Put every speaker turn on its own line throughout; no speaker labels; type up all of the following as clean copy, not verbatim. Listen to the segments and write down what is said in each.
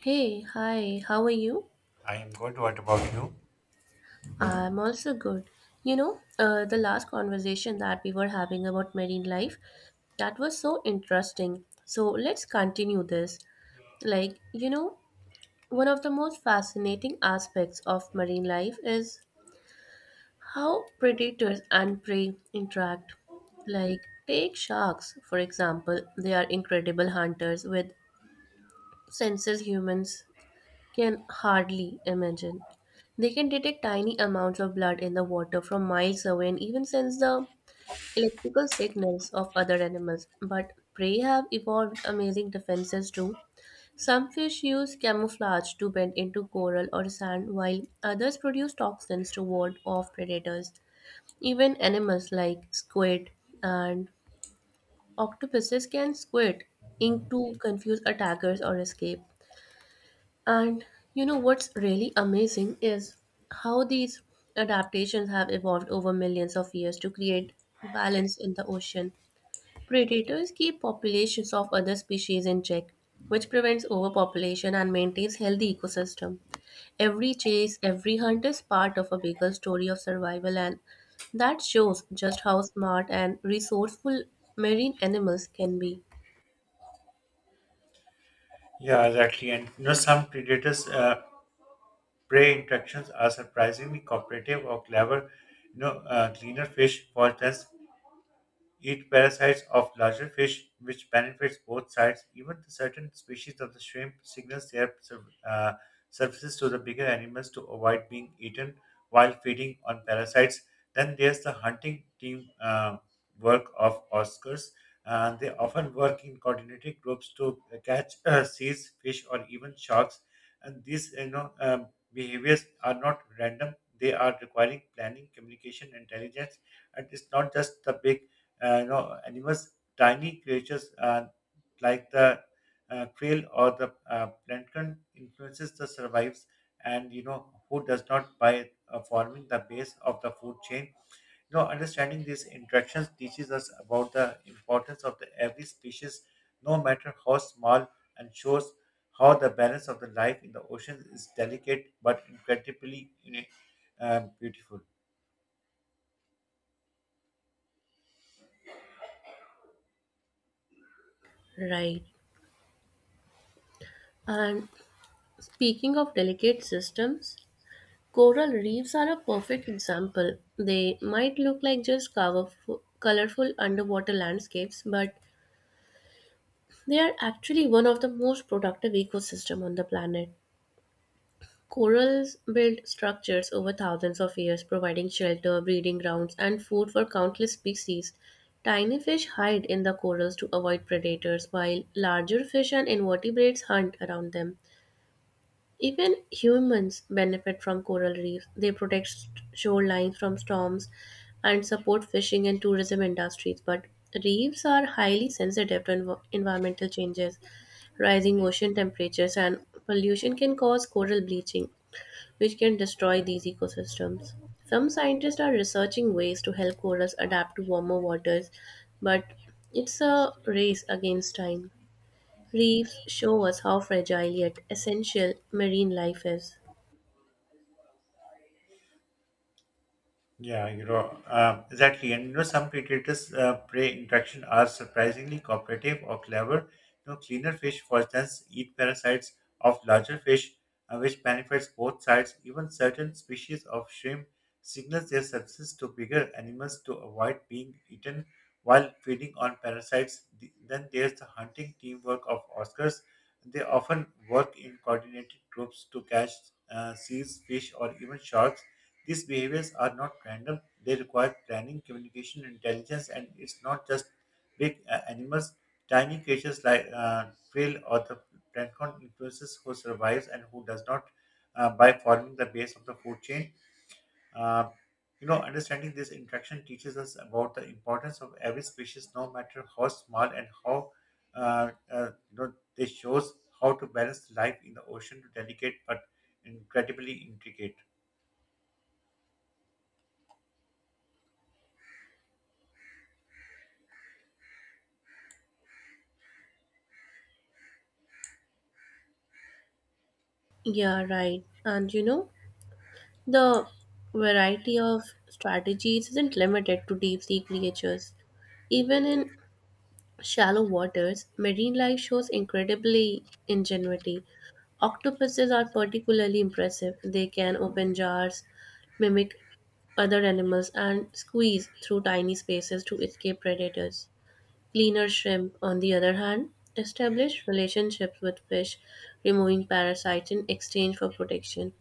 Hey, hi, how are you?
I am good. What about you?
I'm also good. You know, the last conversation that we were having about marine life, that was so interesting. So let's continue this. Like, you know, one of the most fascinating aspects of marine life is how predators and prey interact. Like, take sharks, for example, they are incredible hunters with senses humans can hardly imagine. They can detect tiny amounts of blood in the water from miles away and even sense the electrical signals of other animals. But prey have evolved amazing defenses too. Some fish use camouflage to bend into coral or sand, while others produce toxins to ward off predators. Even animals like squid and octopuses can squirt ink to confuse attackers or escape. And you know what's really amazing is how these adaptations have evolved over millions of years to create balance in the ocean. Predators keep populations of other species in check, which prevents overpopulation and maintains healthy ecosystem. Every chase, every hunt is part of a bigger story of survival and that shows just how smart and resourceful marine animals can be.
Yeah, exactly. And you know, some predators' prey interactions are surprisingly cooperative or clever. You know, cleaner fish, for instance, eat parasites of larger fish, which benefits both sides. Even the certain species of the shrimp signals their services to the bigger animals to avoid being eaten while feeding on parasites. Then there's the hunting team work of Oscars. They often work in coordinated groups to catch seas, fish, or even sharks. And these, you know, behaviors are not random. They are requiring planning, communication, intelligence, and it's not just the big animals, tiny creatures like the krill or the plankton influences the survives and you know who does not by forming the base of the food chain. You know, understanding these interactions teaches us about the importance of the every species, no matter how small, and shows how the balance of the life in the ocean is delicate but incredibly beautiful.
Right. And speaking of delicate systems, coral reefs are a perfect example. They might look like just colorful underwater landscapes, but they are actually one of the most productive ecosystems on the planet. Corals build structures over thousands of years, providing shelter, breeding grounds, and food for countless species. Tiny fish hide in the corals to avoid predators, while larger fish and invertebrates hunt around them. Even humans benefit from coral reefs. They protect shorelines from storms and support fishing and tourism industries. But reefs are highly sensitive to environmental changes. Rising ocean temperatures and pollution can cause coral bleaching, which can destroy these ecosystems. Some scientists are researching ways to help corals adapt to warmer waters, but it's a race against time. Reefs show us how fragile yet essential marine life is.
Yeah, you know, exactly. And you know, some predators' prey interaction are surprisingly cooperative or clever. You know, cleaner fish, for instance, eat parasites of larger fish, which benefits both sides. Even certain species of shrimp signals their subsistence to bigger animals to avoid being eaten while feeding on parasites. Then there's the hunting teamwork of Oscars. They often work in coordinated groups to catch seals, fish, or even sharks. These behaviors are not random, they require planning, communication, intelligence, and it's not just big animals. Tiny creatures like krill or the plankton influences who survives and who does not by forming the base of the food chain. Uh, you know, understanding this interaction teaches us about the importance of every species, no matter how small, and how this shows how to balance life in the ocean, delicate but incredibly intricate.
Yeah, right. And you know, the variety of strategies isn't limited to deep sea creatures. Even in shallow waters, marine life shows incredibly ingenuity. Octopuses are particularly impressive. They can open jars, mimic other animals, and squeeze through tiny spaces to escape predators. Cleaner shrimp, on the other hand, establish relationships with fish, removing parasites in exchange for protection.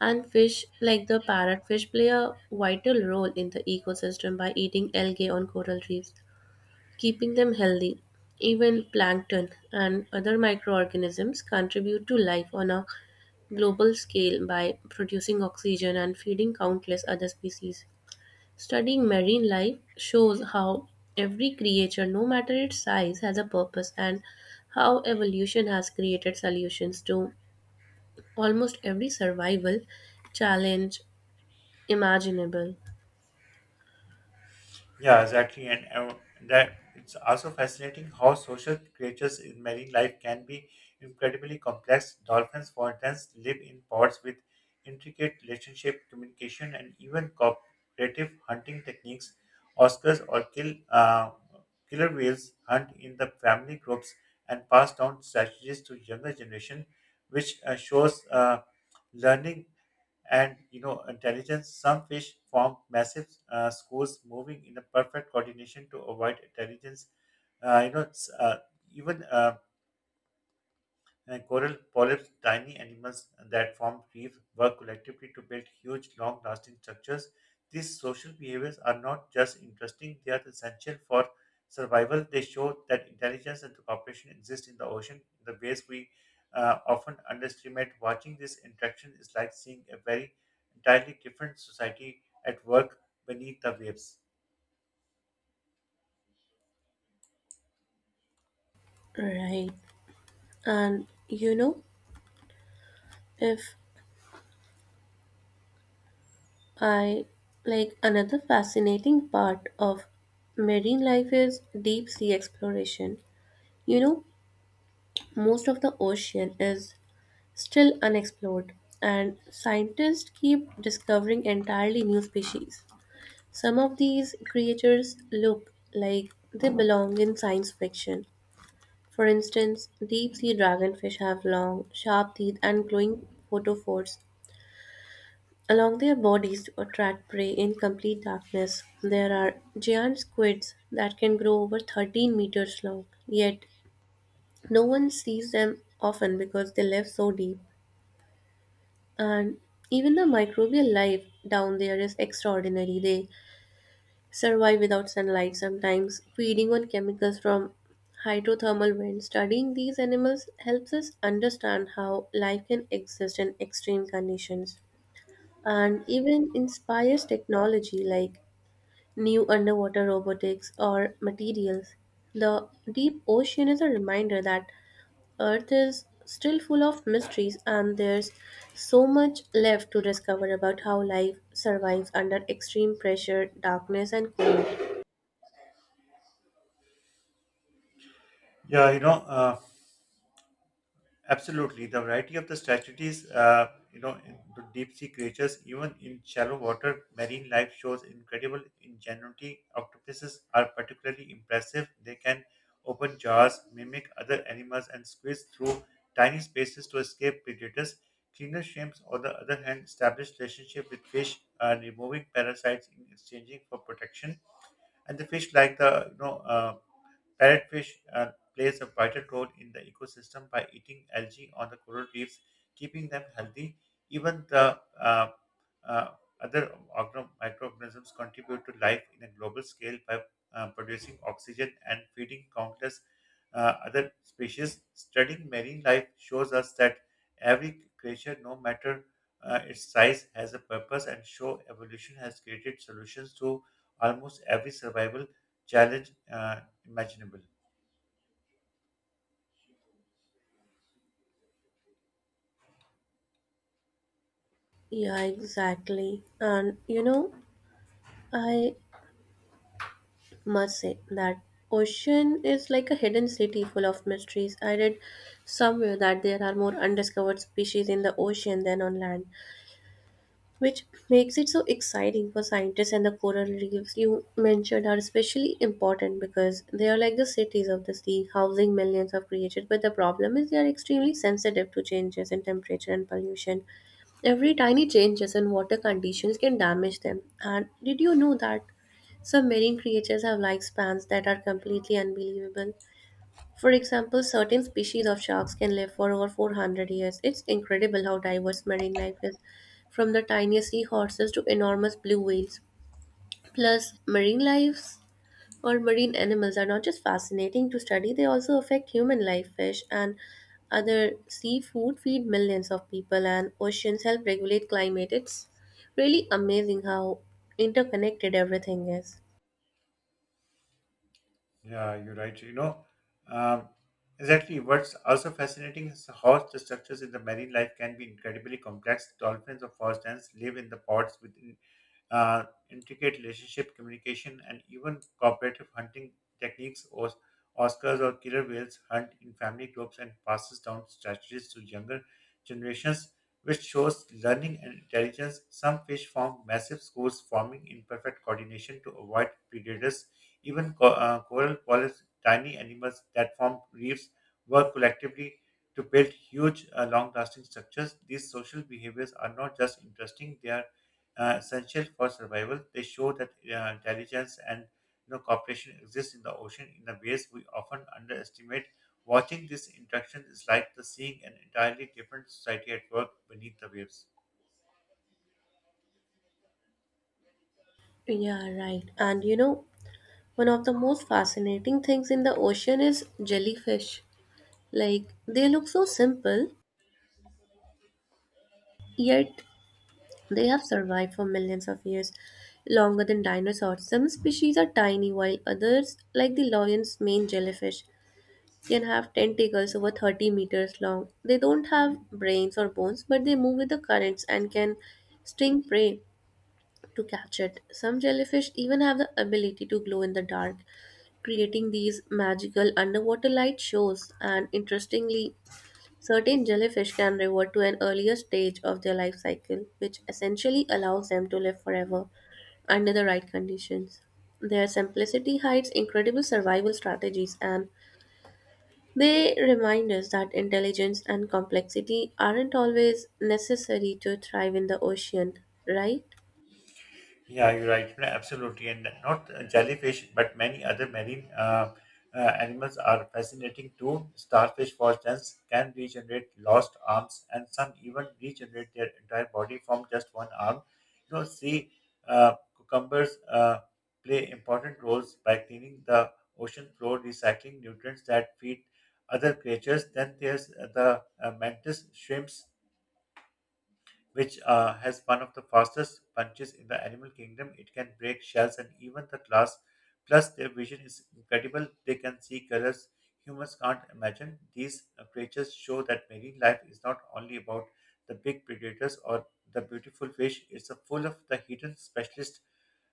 And fish like the parrotfish play a vital role in the ecosystem by eating algae on coral reefs, keeping them healthy. Even plankton and other microorganisms contribute to life on a global scale by producing oxygen and feeding countless other species. Studying marine life shows how every creature, no matter its size, has a purpose and how evolution has created solutions to almost every survival challenge imaginable.
Yeah, exactly. And that it's also fascinating how social creatures in marine life can be incredibly complex. Dolphins, for instance, live in pods with intricate relationship, communication, and even cooperative hunting techniques. Oscars or kill killer whales hunt in the family groups and pass down strategies to younger generation, which shows learning and you know intelligence. Some fish form massive schools moving in a perfect coordination to avoid intelligence. You know it's, even And coral polyps, tiny animals that form reefs, work collectively to build huge, long lasting structures. These social behaviors are not just interesting, they are essential for survival. They show that intelligence and cooperation exist in the ocean in the ways we often underestimate. Watching this interaction is like seeing a very entirely different society at work beneath the waves.
Right. And you know, if I like another fascinating part of marine life is deep sea exploration. You know, most of the ocean is still unexplored, and scientists keep discovering entirely new species. Some of these creatures look like they belong in science fiction. For instance, deep sea dragonfish have long, sharp teeth and glowing photophores along their bodies to attract prey in complete darkness. There are giant squids that can grow over 13 meters long. Yet, no one sees them often because they live so deep. And even the microbial life down there is extraordinary. They survive without sunlight sometimes, feeding on chemicals from hydrothermal vents. Studying these animals helps us understand how life can exist in extreme conditions and even inspires technology like new underwater robotics, or materials. The deep ocean is a reminder that Earth is still full of mysteries and there's so much left to discover about how life survives under extreme pressure, darkness, and cold.
Yeah, you know, absolutely. The variety of the strategies, you know, in the deep sea creatures, even in shallow water, marine life shows incredible ingenuity. Octopuses are particularly impressive. They can open jaws, mimic other animals, and squeeze through tiny spaces to escape predators. Cleaner shrimps, on the other hand, establish relationship with fish, removing parasites in exchanging for protection. And the fish, like the parrotfish plays a vital role in the ecosystem by eating algae on the coral reefs, keeping them healthy. Even the uh, microorganisms contribute to life in a global scale by producing oxygen and feeding countless other species. Studying marine life shows us that every creature, no matter its size, has a purpose and show evolution has created solutions to almost every survival challenge imaginable.
Yeah, exactly. And you know, I must say that ocean is like a hidden city full of mysteries. I read somewhere that there are more undiscovered species in the ocean than on land, which makes it so exciting for scientists. And the coral reefs you mentioned are especially important because they are like the cities of the sea, housing millions of creatures. But the problem is they are extremely sensitive to changes in temperature and pollution. Every tiny changes in water conditions can damage them. And did you know that some marine creatures have lifespans that are completely unbelievable? For example, certain species of sharks can live for over 400 years. It's incredible how diverse marine life is, from the tiniest seahorses to enormous blue whales. Plus, marine lives or marine animals are not just fascinating to study, they also affect human life. Fish and other seafood feed millions of people, and oceans help regulate climate. It's really amazing how interconnected everything is.
Yeah, you're right. You know, um, exactly. What's also fascinating is how the structures in the marine life can be incredibly complex. Dolphins, of for instance, live in the pods with uh, intricate relationship, communication, and even cooperative hunting techniques. Oscars or killer whales hunt in family groups and passes down strategies to younger generations, which shows learning and intelligence. Some fish form massive schools, forming in perfect coordination to avoid predators. Even coral polyps, tiny animals that form reefs, work collectively to build huge, long lasting structures. These social behaviors are not just interesting, they are essential for survival. They show that intelligence and you know, cooperation exists in the ocean in the ways we often underestimate. Watching this interaction is like the seeing an entirely different society at work beneath the waves.
Yeah, right. And you know, one of the most fascinating things in the ocean is jellyfish. Like, they look so simple, yet they have survived for millions of years, longer than dinosaurs. Some species are tiny, while others, like the lion's mane jellyfish, can have tentacles over 30 meters long. They don't have brains or bones, but they move with the currents and can sting prey to catch it. Some jellyfish even have the ability to glow in the dark, creating these magical underwater light shows. And interestingly, certain jellyfish can revert to an earlier stage of their life cycle, which essentially allows them to live forever under the right conditions. Their simplicity hides incredible survival strategies, and they remind us that intelligence and complexity aren't always necessary to thrive in the ocean, right?
Yeah, you're right. No, absolutely. And not jellyfish, but many other marine animals are fascinating too. Starfish, for instance, can regenerate lost arms, and some even regenerate their entire body from just one arm. You know, sea cucumbers play important roles by cleaning the ocean floor, recycling nutrients that feed other creatures. Then there's the mantis shrimps which has one of the fastest punches in the animal kingdom. It can break shells and even the glass. Plus, their vision is incredible. They can see colors humans can't imagine. These creatures show that marine life is not only about the big predators or the beautiful fish. It's a full of the hidden specialist.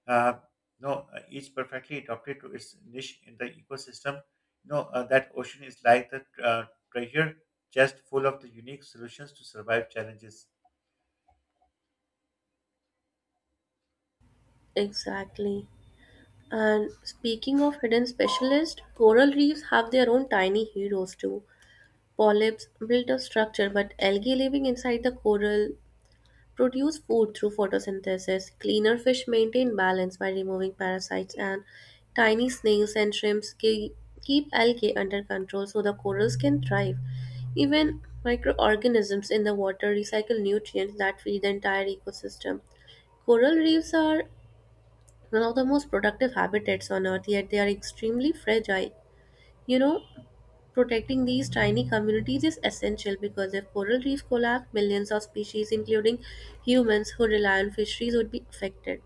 Uh, no, each perfectly adapted to its niche in the ecosystem. No, that ocean is like the treasure chest full of the unique solutions to survive challenges.
Exactly. And speaking of hidden specialists, coral reefs have their own tiny heroes too. Polyps build a structure, but algae living inside the coral produce food through photosynthesis. Cleaner fish maintain balance by removing parasites, and tiny snails and shrimps keep algae under control so the corals can thrive. Even microorganisms in the water recycle nutrients that feed the entire ecosystem. Coral reefs are one of the most productive habitats on earth, yet they are extremely fragile, you know. Protecting these tiny communities is essential because if coral reefs collapse, millions of species, including humans who rely on fisheries, would be affected.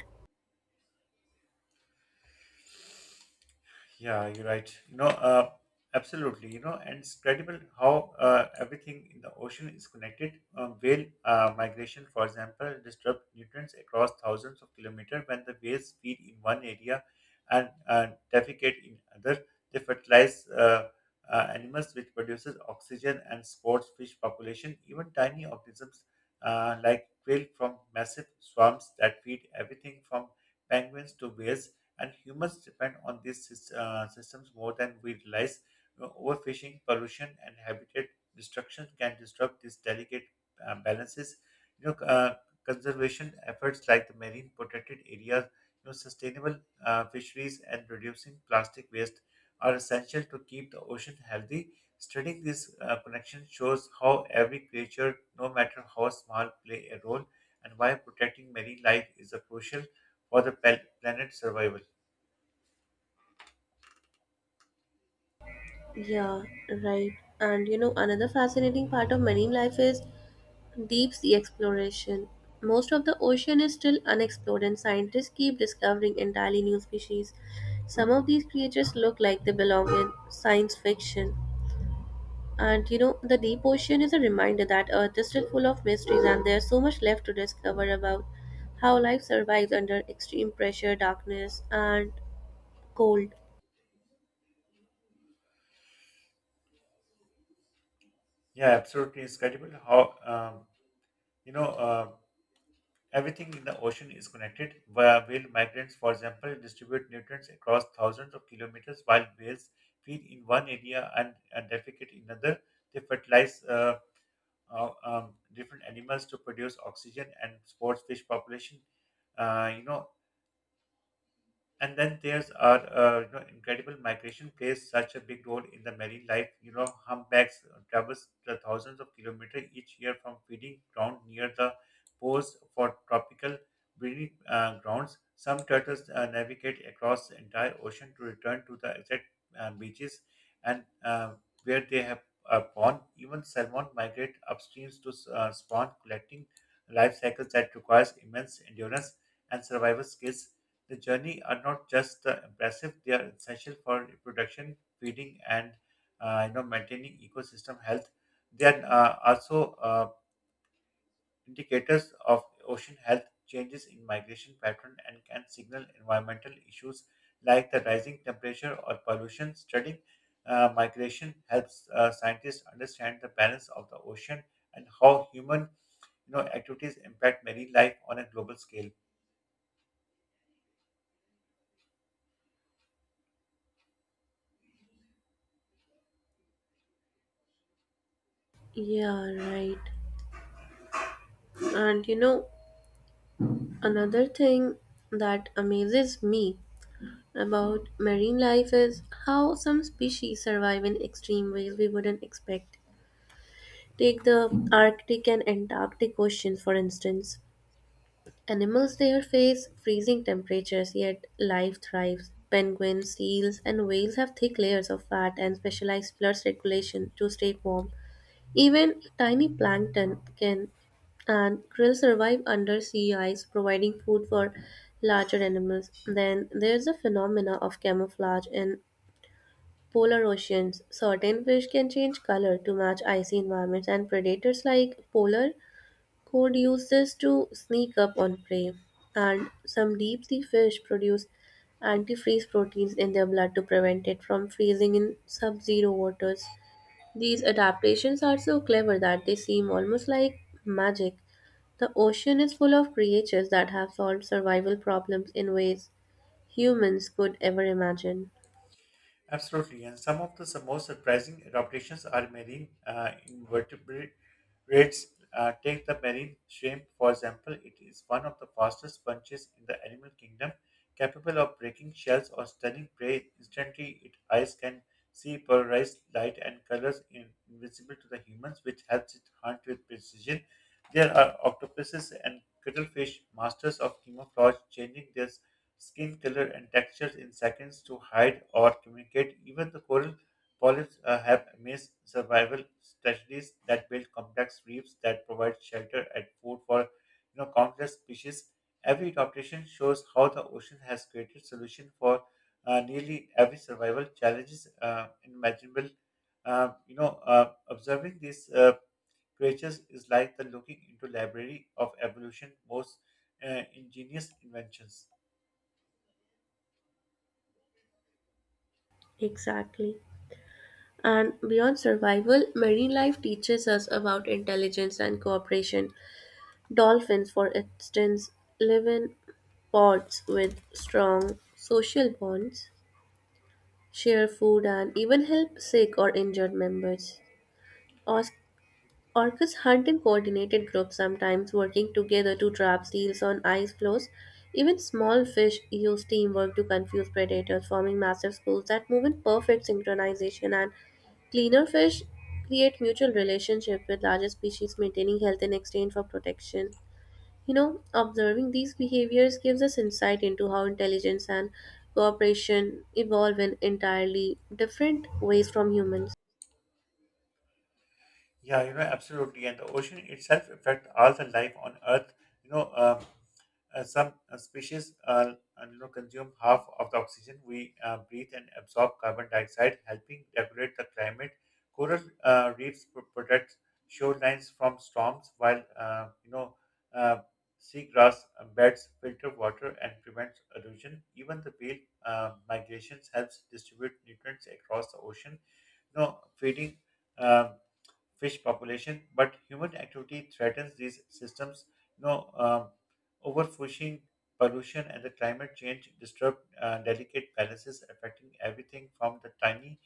Yeah, you're right. You know, absolutely. You know, and it's credible how everything in the ocean is connected. Whale migration, for example, disrupt nutrients across thousands of kilometers. When the whales feed in one area and defecate in other, they fertilize animals, which produces oxygen and supports fish population. Even tiny organisms like krill from massive swarms that feed everything from penguins to whales and humans depend on these systems more than we realize. You know, overfishing, pollution, and habitat destruction can disrupt these delicate balances. You know, conservation efforts like the marine protected areas, you know, sustainable fisheries, and reducing plastic waste are essential to keep the ocean healthy. Studying this connection shows how every creature, no matter how small, play a role, and why protecting marine life is a crucial for the planet's survival.
Yeah, right. And you know, another fascinating part of marine life is deep sea exploration. Most of the ocean is still unexplored, and scientists keep discovering entirely new species. Some of these creatures look like they belong in science fiction. And you know, the deep ocean is a reminder that Earth is still full of mysteries and there's so much left to discover about how life survives under extreme pressure, darkness, and cold.
Yeah, absolutely. It's incredible how, you know, uh, everything in the ocean is connected. Where whale migrants, for example, distribute nutrients across thousands of kilometers while whales feed in one area and defecate in another. They fertilize different animals to produce oxygen and support fish population. You know, and then there's our you know incredible migration plays such a big role in the marine life. You know humpbacks traverse the thousands of kilometers each year from feeding ground near the poles for tropical breeding grounds. Some turtles navigate across the entire ocean to return to the exact beaches and where they have born. Even salmon migrate upstreams to spawn, collecting life cycles that requires immense endurance and survival skills. The journey are not just impressive; they are essential for reproduction, feeding, and you know maintaining ecosystem health. They are also indicators of ocean health. Changes in migration pattern and can signal environmental issues like the rising temperature or pollution. Studying migration helps scientists understand the balance of the ocean and how human you know activities impact marine life on a global scale.
Yeah, right. And you know, another thing that amazes me about marine life is how some species survive in extreme ways we wouldn't expect. Take the Arctic and Antarctic oceans, for instance. Animals there face freezing temperatures, yet life thrives. Penguins, seals, and whales have thick layers of fat and specialized blood circulation to stay warm. Even tiny plankton can and krill survive under sea ice, providing food for larger animals. Then there's the phenomena of camouflage in polar oceans. Certain fish can change color to match icy environments, and predators like polar cod uses to sneak up on prey, and some deep sea fish produce antifreeze proteins in their blood to prevent it from freezing in sub zero waters. These adaptations are so clever that they seem almost like magic. The ocean is full of creatures that have solved survival problems in ways humans could ever imagine.
Absolutely, and some of the most surprising adaptations are marine invertebrates. Take the marine shrimp, for example. It is one of the fastest sponges in the animal kingdom, capable of breaking shells or stunning prey instantly. Its eyes can see polarized light and colors in, invisible to the humans, which helps it hunt with precision. There are octopuses and cuttlefish, masters of camouflage, changing their skin color and textures in seconds to hide or communicate. Even the coral polyps have amazed survival strategies that build complex reefs that provide shelter and food for you know countless species. Every adaptation shows how the ocean has created solution for nearly every survival challenges imaginable. Observing these creatures is like the looking into library of evolution, most ingenious inventions.
Exactly. And beyond survival, marine life teaches us about intelligence and cooperation. Dolphins, for instance, live in pods with strong social bonds, share food, and even help sick or injured members. Os- Orcas hunt in coordinated groups, sometimes working together to trap seals on ice floes. Even small fish use teamwork to confuse predators, forming massive schools that move in perfect synchronization. And cleaner fish create mutual relationships with larger species, maintaining health in exchange for protection. You know, observing these behaviors gives us insight into how intelligence and cooperation evolve in entirely different ways from humans.
Yeah, you know, absolutely. And the ocean itself affects all the life on Earth. You know, some species consume half of the oxygen we breathe and absorb carbon dioxide, helping regulate the climate. Coral reefs protect shorelines from storms, while uh, seagrass beds filter water and prevent erosion. Even the whale migrations helps distribute nutrients across the ocean. You know, feeding. um Fish population, but human activity threatens these systems. You know, um, Overfishing, pollution, and the climate change disturb delicate balances, affecting everything from the tiny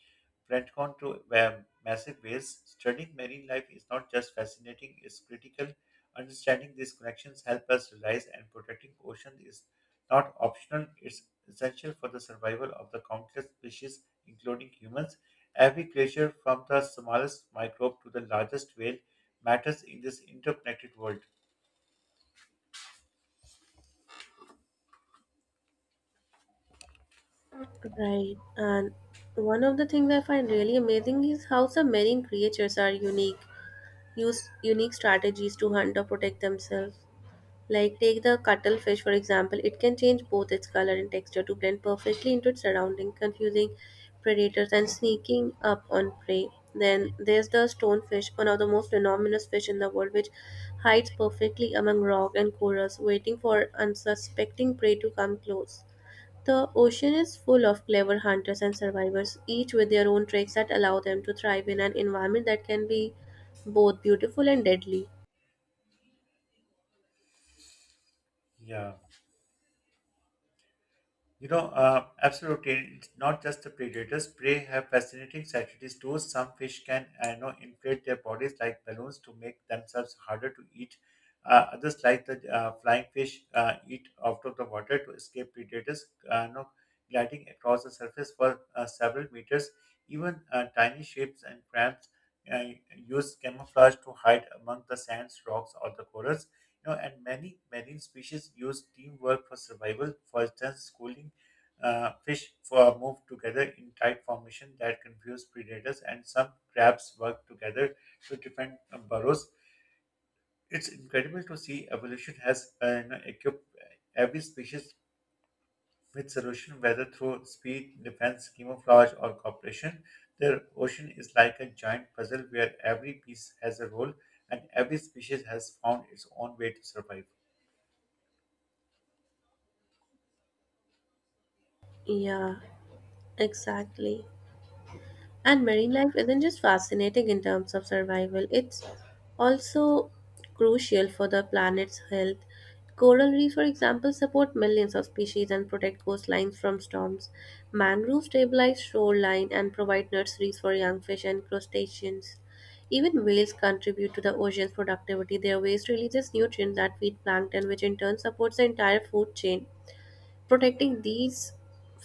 plankton to massive whales. Studying marine life is not just fascinating; it's critical. Understanding these connections help us realize and protecting ocean is not optional; it's essential for the survival of the countless species, including humans. Every creature, from the smallest microbe to the largest whale, matters in this interconnected world.
Right. And one of the things I find really amazing is how some marine creatures are unique, use unique strategies to hunt or protect themselves. Like take the cuttlefish for example, it can change both its color and texture to blend perfectly into its surrounding, confusing predators and sneaking up on prey. Then there's the stonefish, one of the most venomous fish in the world, which hides perfectly among rock and corals, waiting for unsuspecting prey to come close. The ocean is full of clever hunters and survivors, each with their own tricks that allow them to thrive in an environment that can be both beautiful and deadly.
Yeah. Absolutely. It's not just the predators. Prey have fascinating strategies too. Some fish can, I know, inflate their bodies like balloons to make themselves harder to eat. Others, like the flying fish, eat out of the water to escape predators. No, gliding across the surface for several meters. Even tiny shapes and crabs uh, use camouflage to hide among the sands, rocks, or the corals. You know, and many marine species use teamwork for survival. For instance, schooling fish for move together in tight formation that confuse predators, and some crabs work together to defend burrows. It's incredible to see evolution has equipped every species with solution, whether through speed, defense, camouflage, or cooperation. The ocean is like a giant puzzle where every piece has a role and every species has found its own way to survive.
Yeah, exactly. And marine life isn't just fascinating in terms of survival, it's also crucial for the planet's health. Coral reefs, for example, support millions of species and protect coastlines from storms. Mangroves stabilize shoreline and provide nurseries for young fish and crustaceans. Even whales contribute to the ocean's productivity. Their waste releases nutrients that feed plankton, which in turn supports the entire food chain. Protecting these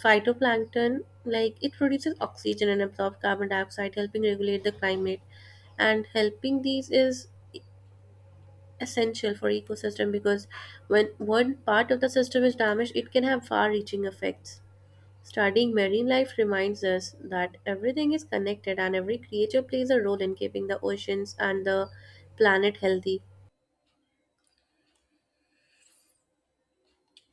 phytoplankton like it produces oxygen and absorbs carbon dioxide, helping regulate the climate. And helping these is essential for ecosystem because when one part of the system is damaged it can have far reaching effects. Studying marine life reminds us that everything is connected and every creature plays a role in keeping the oceans and the planet healthy.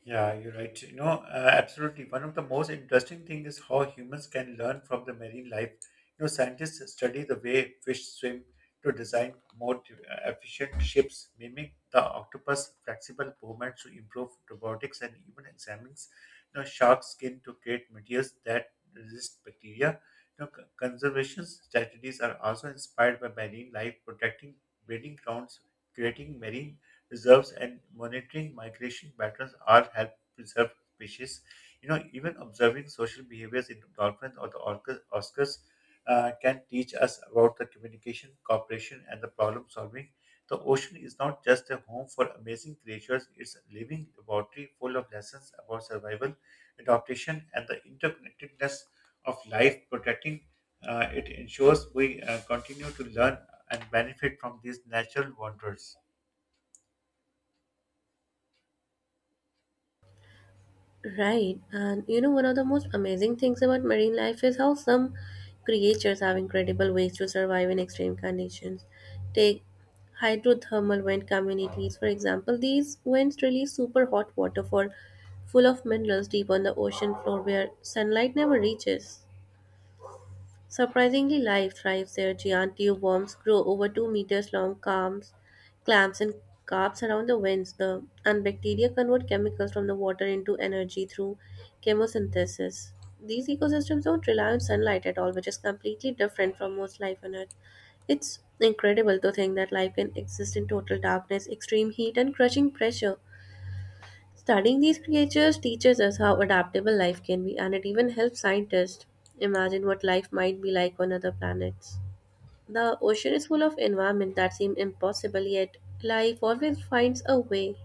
Yeah, you're right. Absolutely. One of the most interesting things is how humans can learn from the marine life. You know, scientists study the way fish swim to design more efficient ships, mimic the octopus' flexible movements to improve robotics, and even examines you know, shark skin to create materials that resist bacteria. Conservation strategies are also inspired by marine life, protecting breeding grounds, creating marine reserves and monitoring migration patterns all help preserve species. You know, even observing social behaviors in dolphins or the orcas, oscars can teach us about the communication, cooperation, and the problem solving. The ocean is not just a home for amazing creatures, it's a living laboratory full of lessons about survival, adaptation, and the interconnectedness of life. Protecting it ensures we continue to learn and benefit from these natural wonders.
Right, and you know, one of the most amazing things about marine life is how some creatures have incredible ways to survive in extreme conditions. Take hydrothermal vent communities, for example, these vents release super hot water for full of minerals deep on the ocean floor where sunlight never reaches. Surprisingly, life thrives there. Giant tube worms grow over 2 meters long, calms, clamps, and carps around the vents. The and bacteria convert chemicals from the water into energy through chemosynthesis. These ecosystems don't rely on sunlight at all, which is completely different from most life on Earth. It's incredible to think that life can exist in total darkness, extreme heat, and crushing pressure. Studying these creatures teaches us how adaptable life can be, and it even helps scientists imagine what life might be like on other planets. The ocean is full of environments that seem impossible, yet life always finds a way.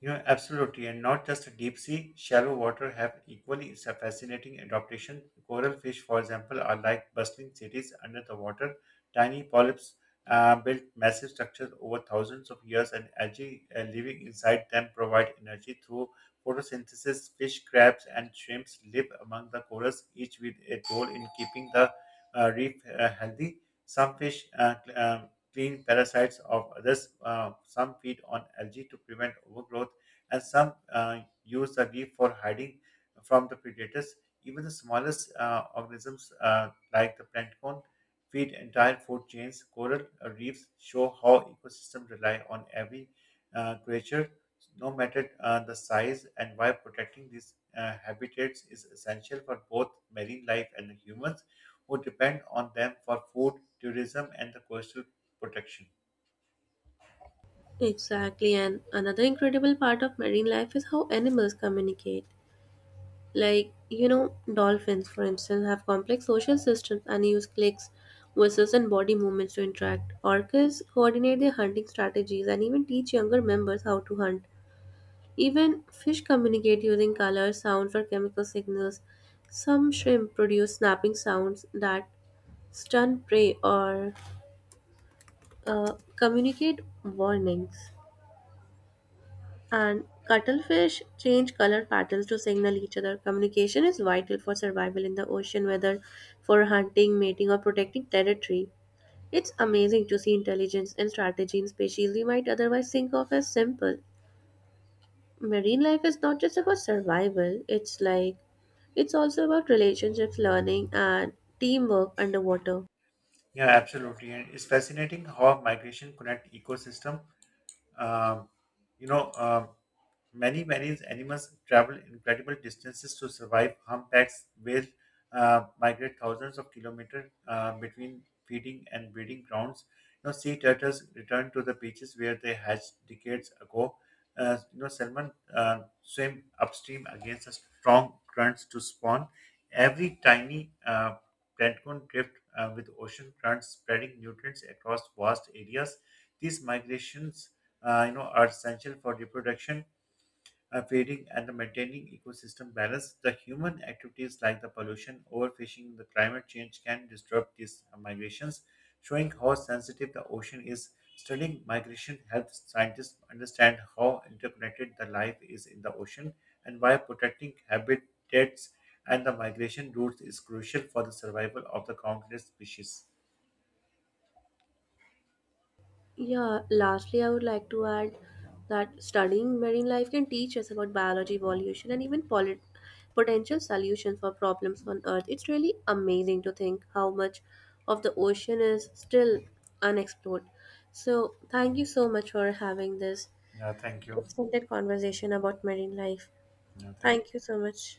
You know, absolutely, and not just the deep sea. Shallow water have equally fascinating adaptation. Coral fish, for example, are like bustling cities under the water. Tiny polyps built massive structures over thousands of years, and algae living inside them provide energy through photosynthesis. Fish, crabs, and shrimps live among the corals, each with a role in keeping the reef healthy. Some fish clean parasites of others. Some feed on algae to prevent overgrowth and some use a leaf for hiding from the predators. Even the smallest organisms, like the plankton, feed entire food chains. Coral reefs show how ecosystems rely on every creature, no matter the size, and why protecting these habitats is essential for both marine life and the humans who depend on them for food, tourism, and the coastal protection.
Exactly, and another incredible part of marine life is how animals communicate. Like, you know, dolphins, for instance, have complex social systems and use clicks, whistles, and body movements to interact. Orcas coordinate their hunting strategies and even teach younger members how to hunt. Even fish communicate using colors, sounds, or chemical signals. Some shrimp produce snapping sounds that stun prey or communicate warnings. And cuttlefish change color patterns to signal each other. Communication is vital for survival in the ocean, whether for hunting, mating, or protecting territory. It's amazing to see intelligence and strategy in species we might otherwise think of as simple. Marine life is not just about survival, it's like it's also about relationships, learning, and teamwork underwater.
Yeah, absolutely. And it's fascinating how migration connect ecosystem um, you know, um, Many marine animals travel incredible distances to survive humpbacks, whale migrate thousands of kilometers between feeding and breeding grounds. You know, sea turtles return to the beaches where they hatched decades ago. You know, salmon swim upstream against a strong currents to spawn. Every tiny plankton drift with ocean currents spreading nutrients across vast areas. These migrations are essential for reproduction feeding and maintaining ecosystem balance. The human activities like the pollution, overfishing, the climate change can disrupt these migrations, showing how sensitive the ocean is. Studying migration helps scientists understand how interconnected the life is in the ocean and why protecting habitats and the migration routes is crucial for the survival of the countless species.
Yeah, lastly, I would like to add that studying marine life can teach us about biology, evolution, and even potential solutions for problems on Earth. It's really amazing to think how much of the ocean is still unexplored. So, thank you so much for having this
Yeah, thank you.
extended conversation about marine life.
Yeah, thank
Thank you
you.
so much.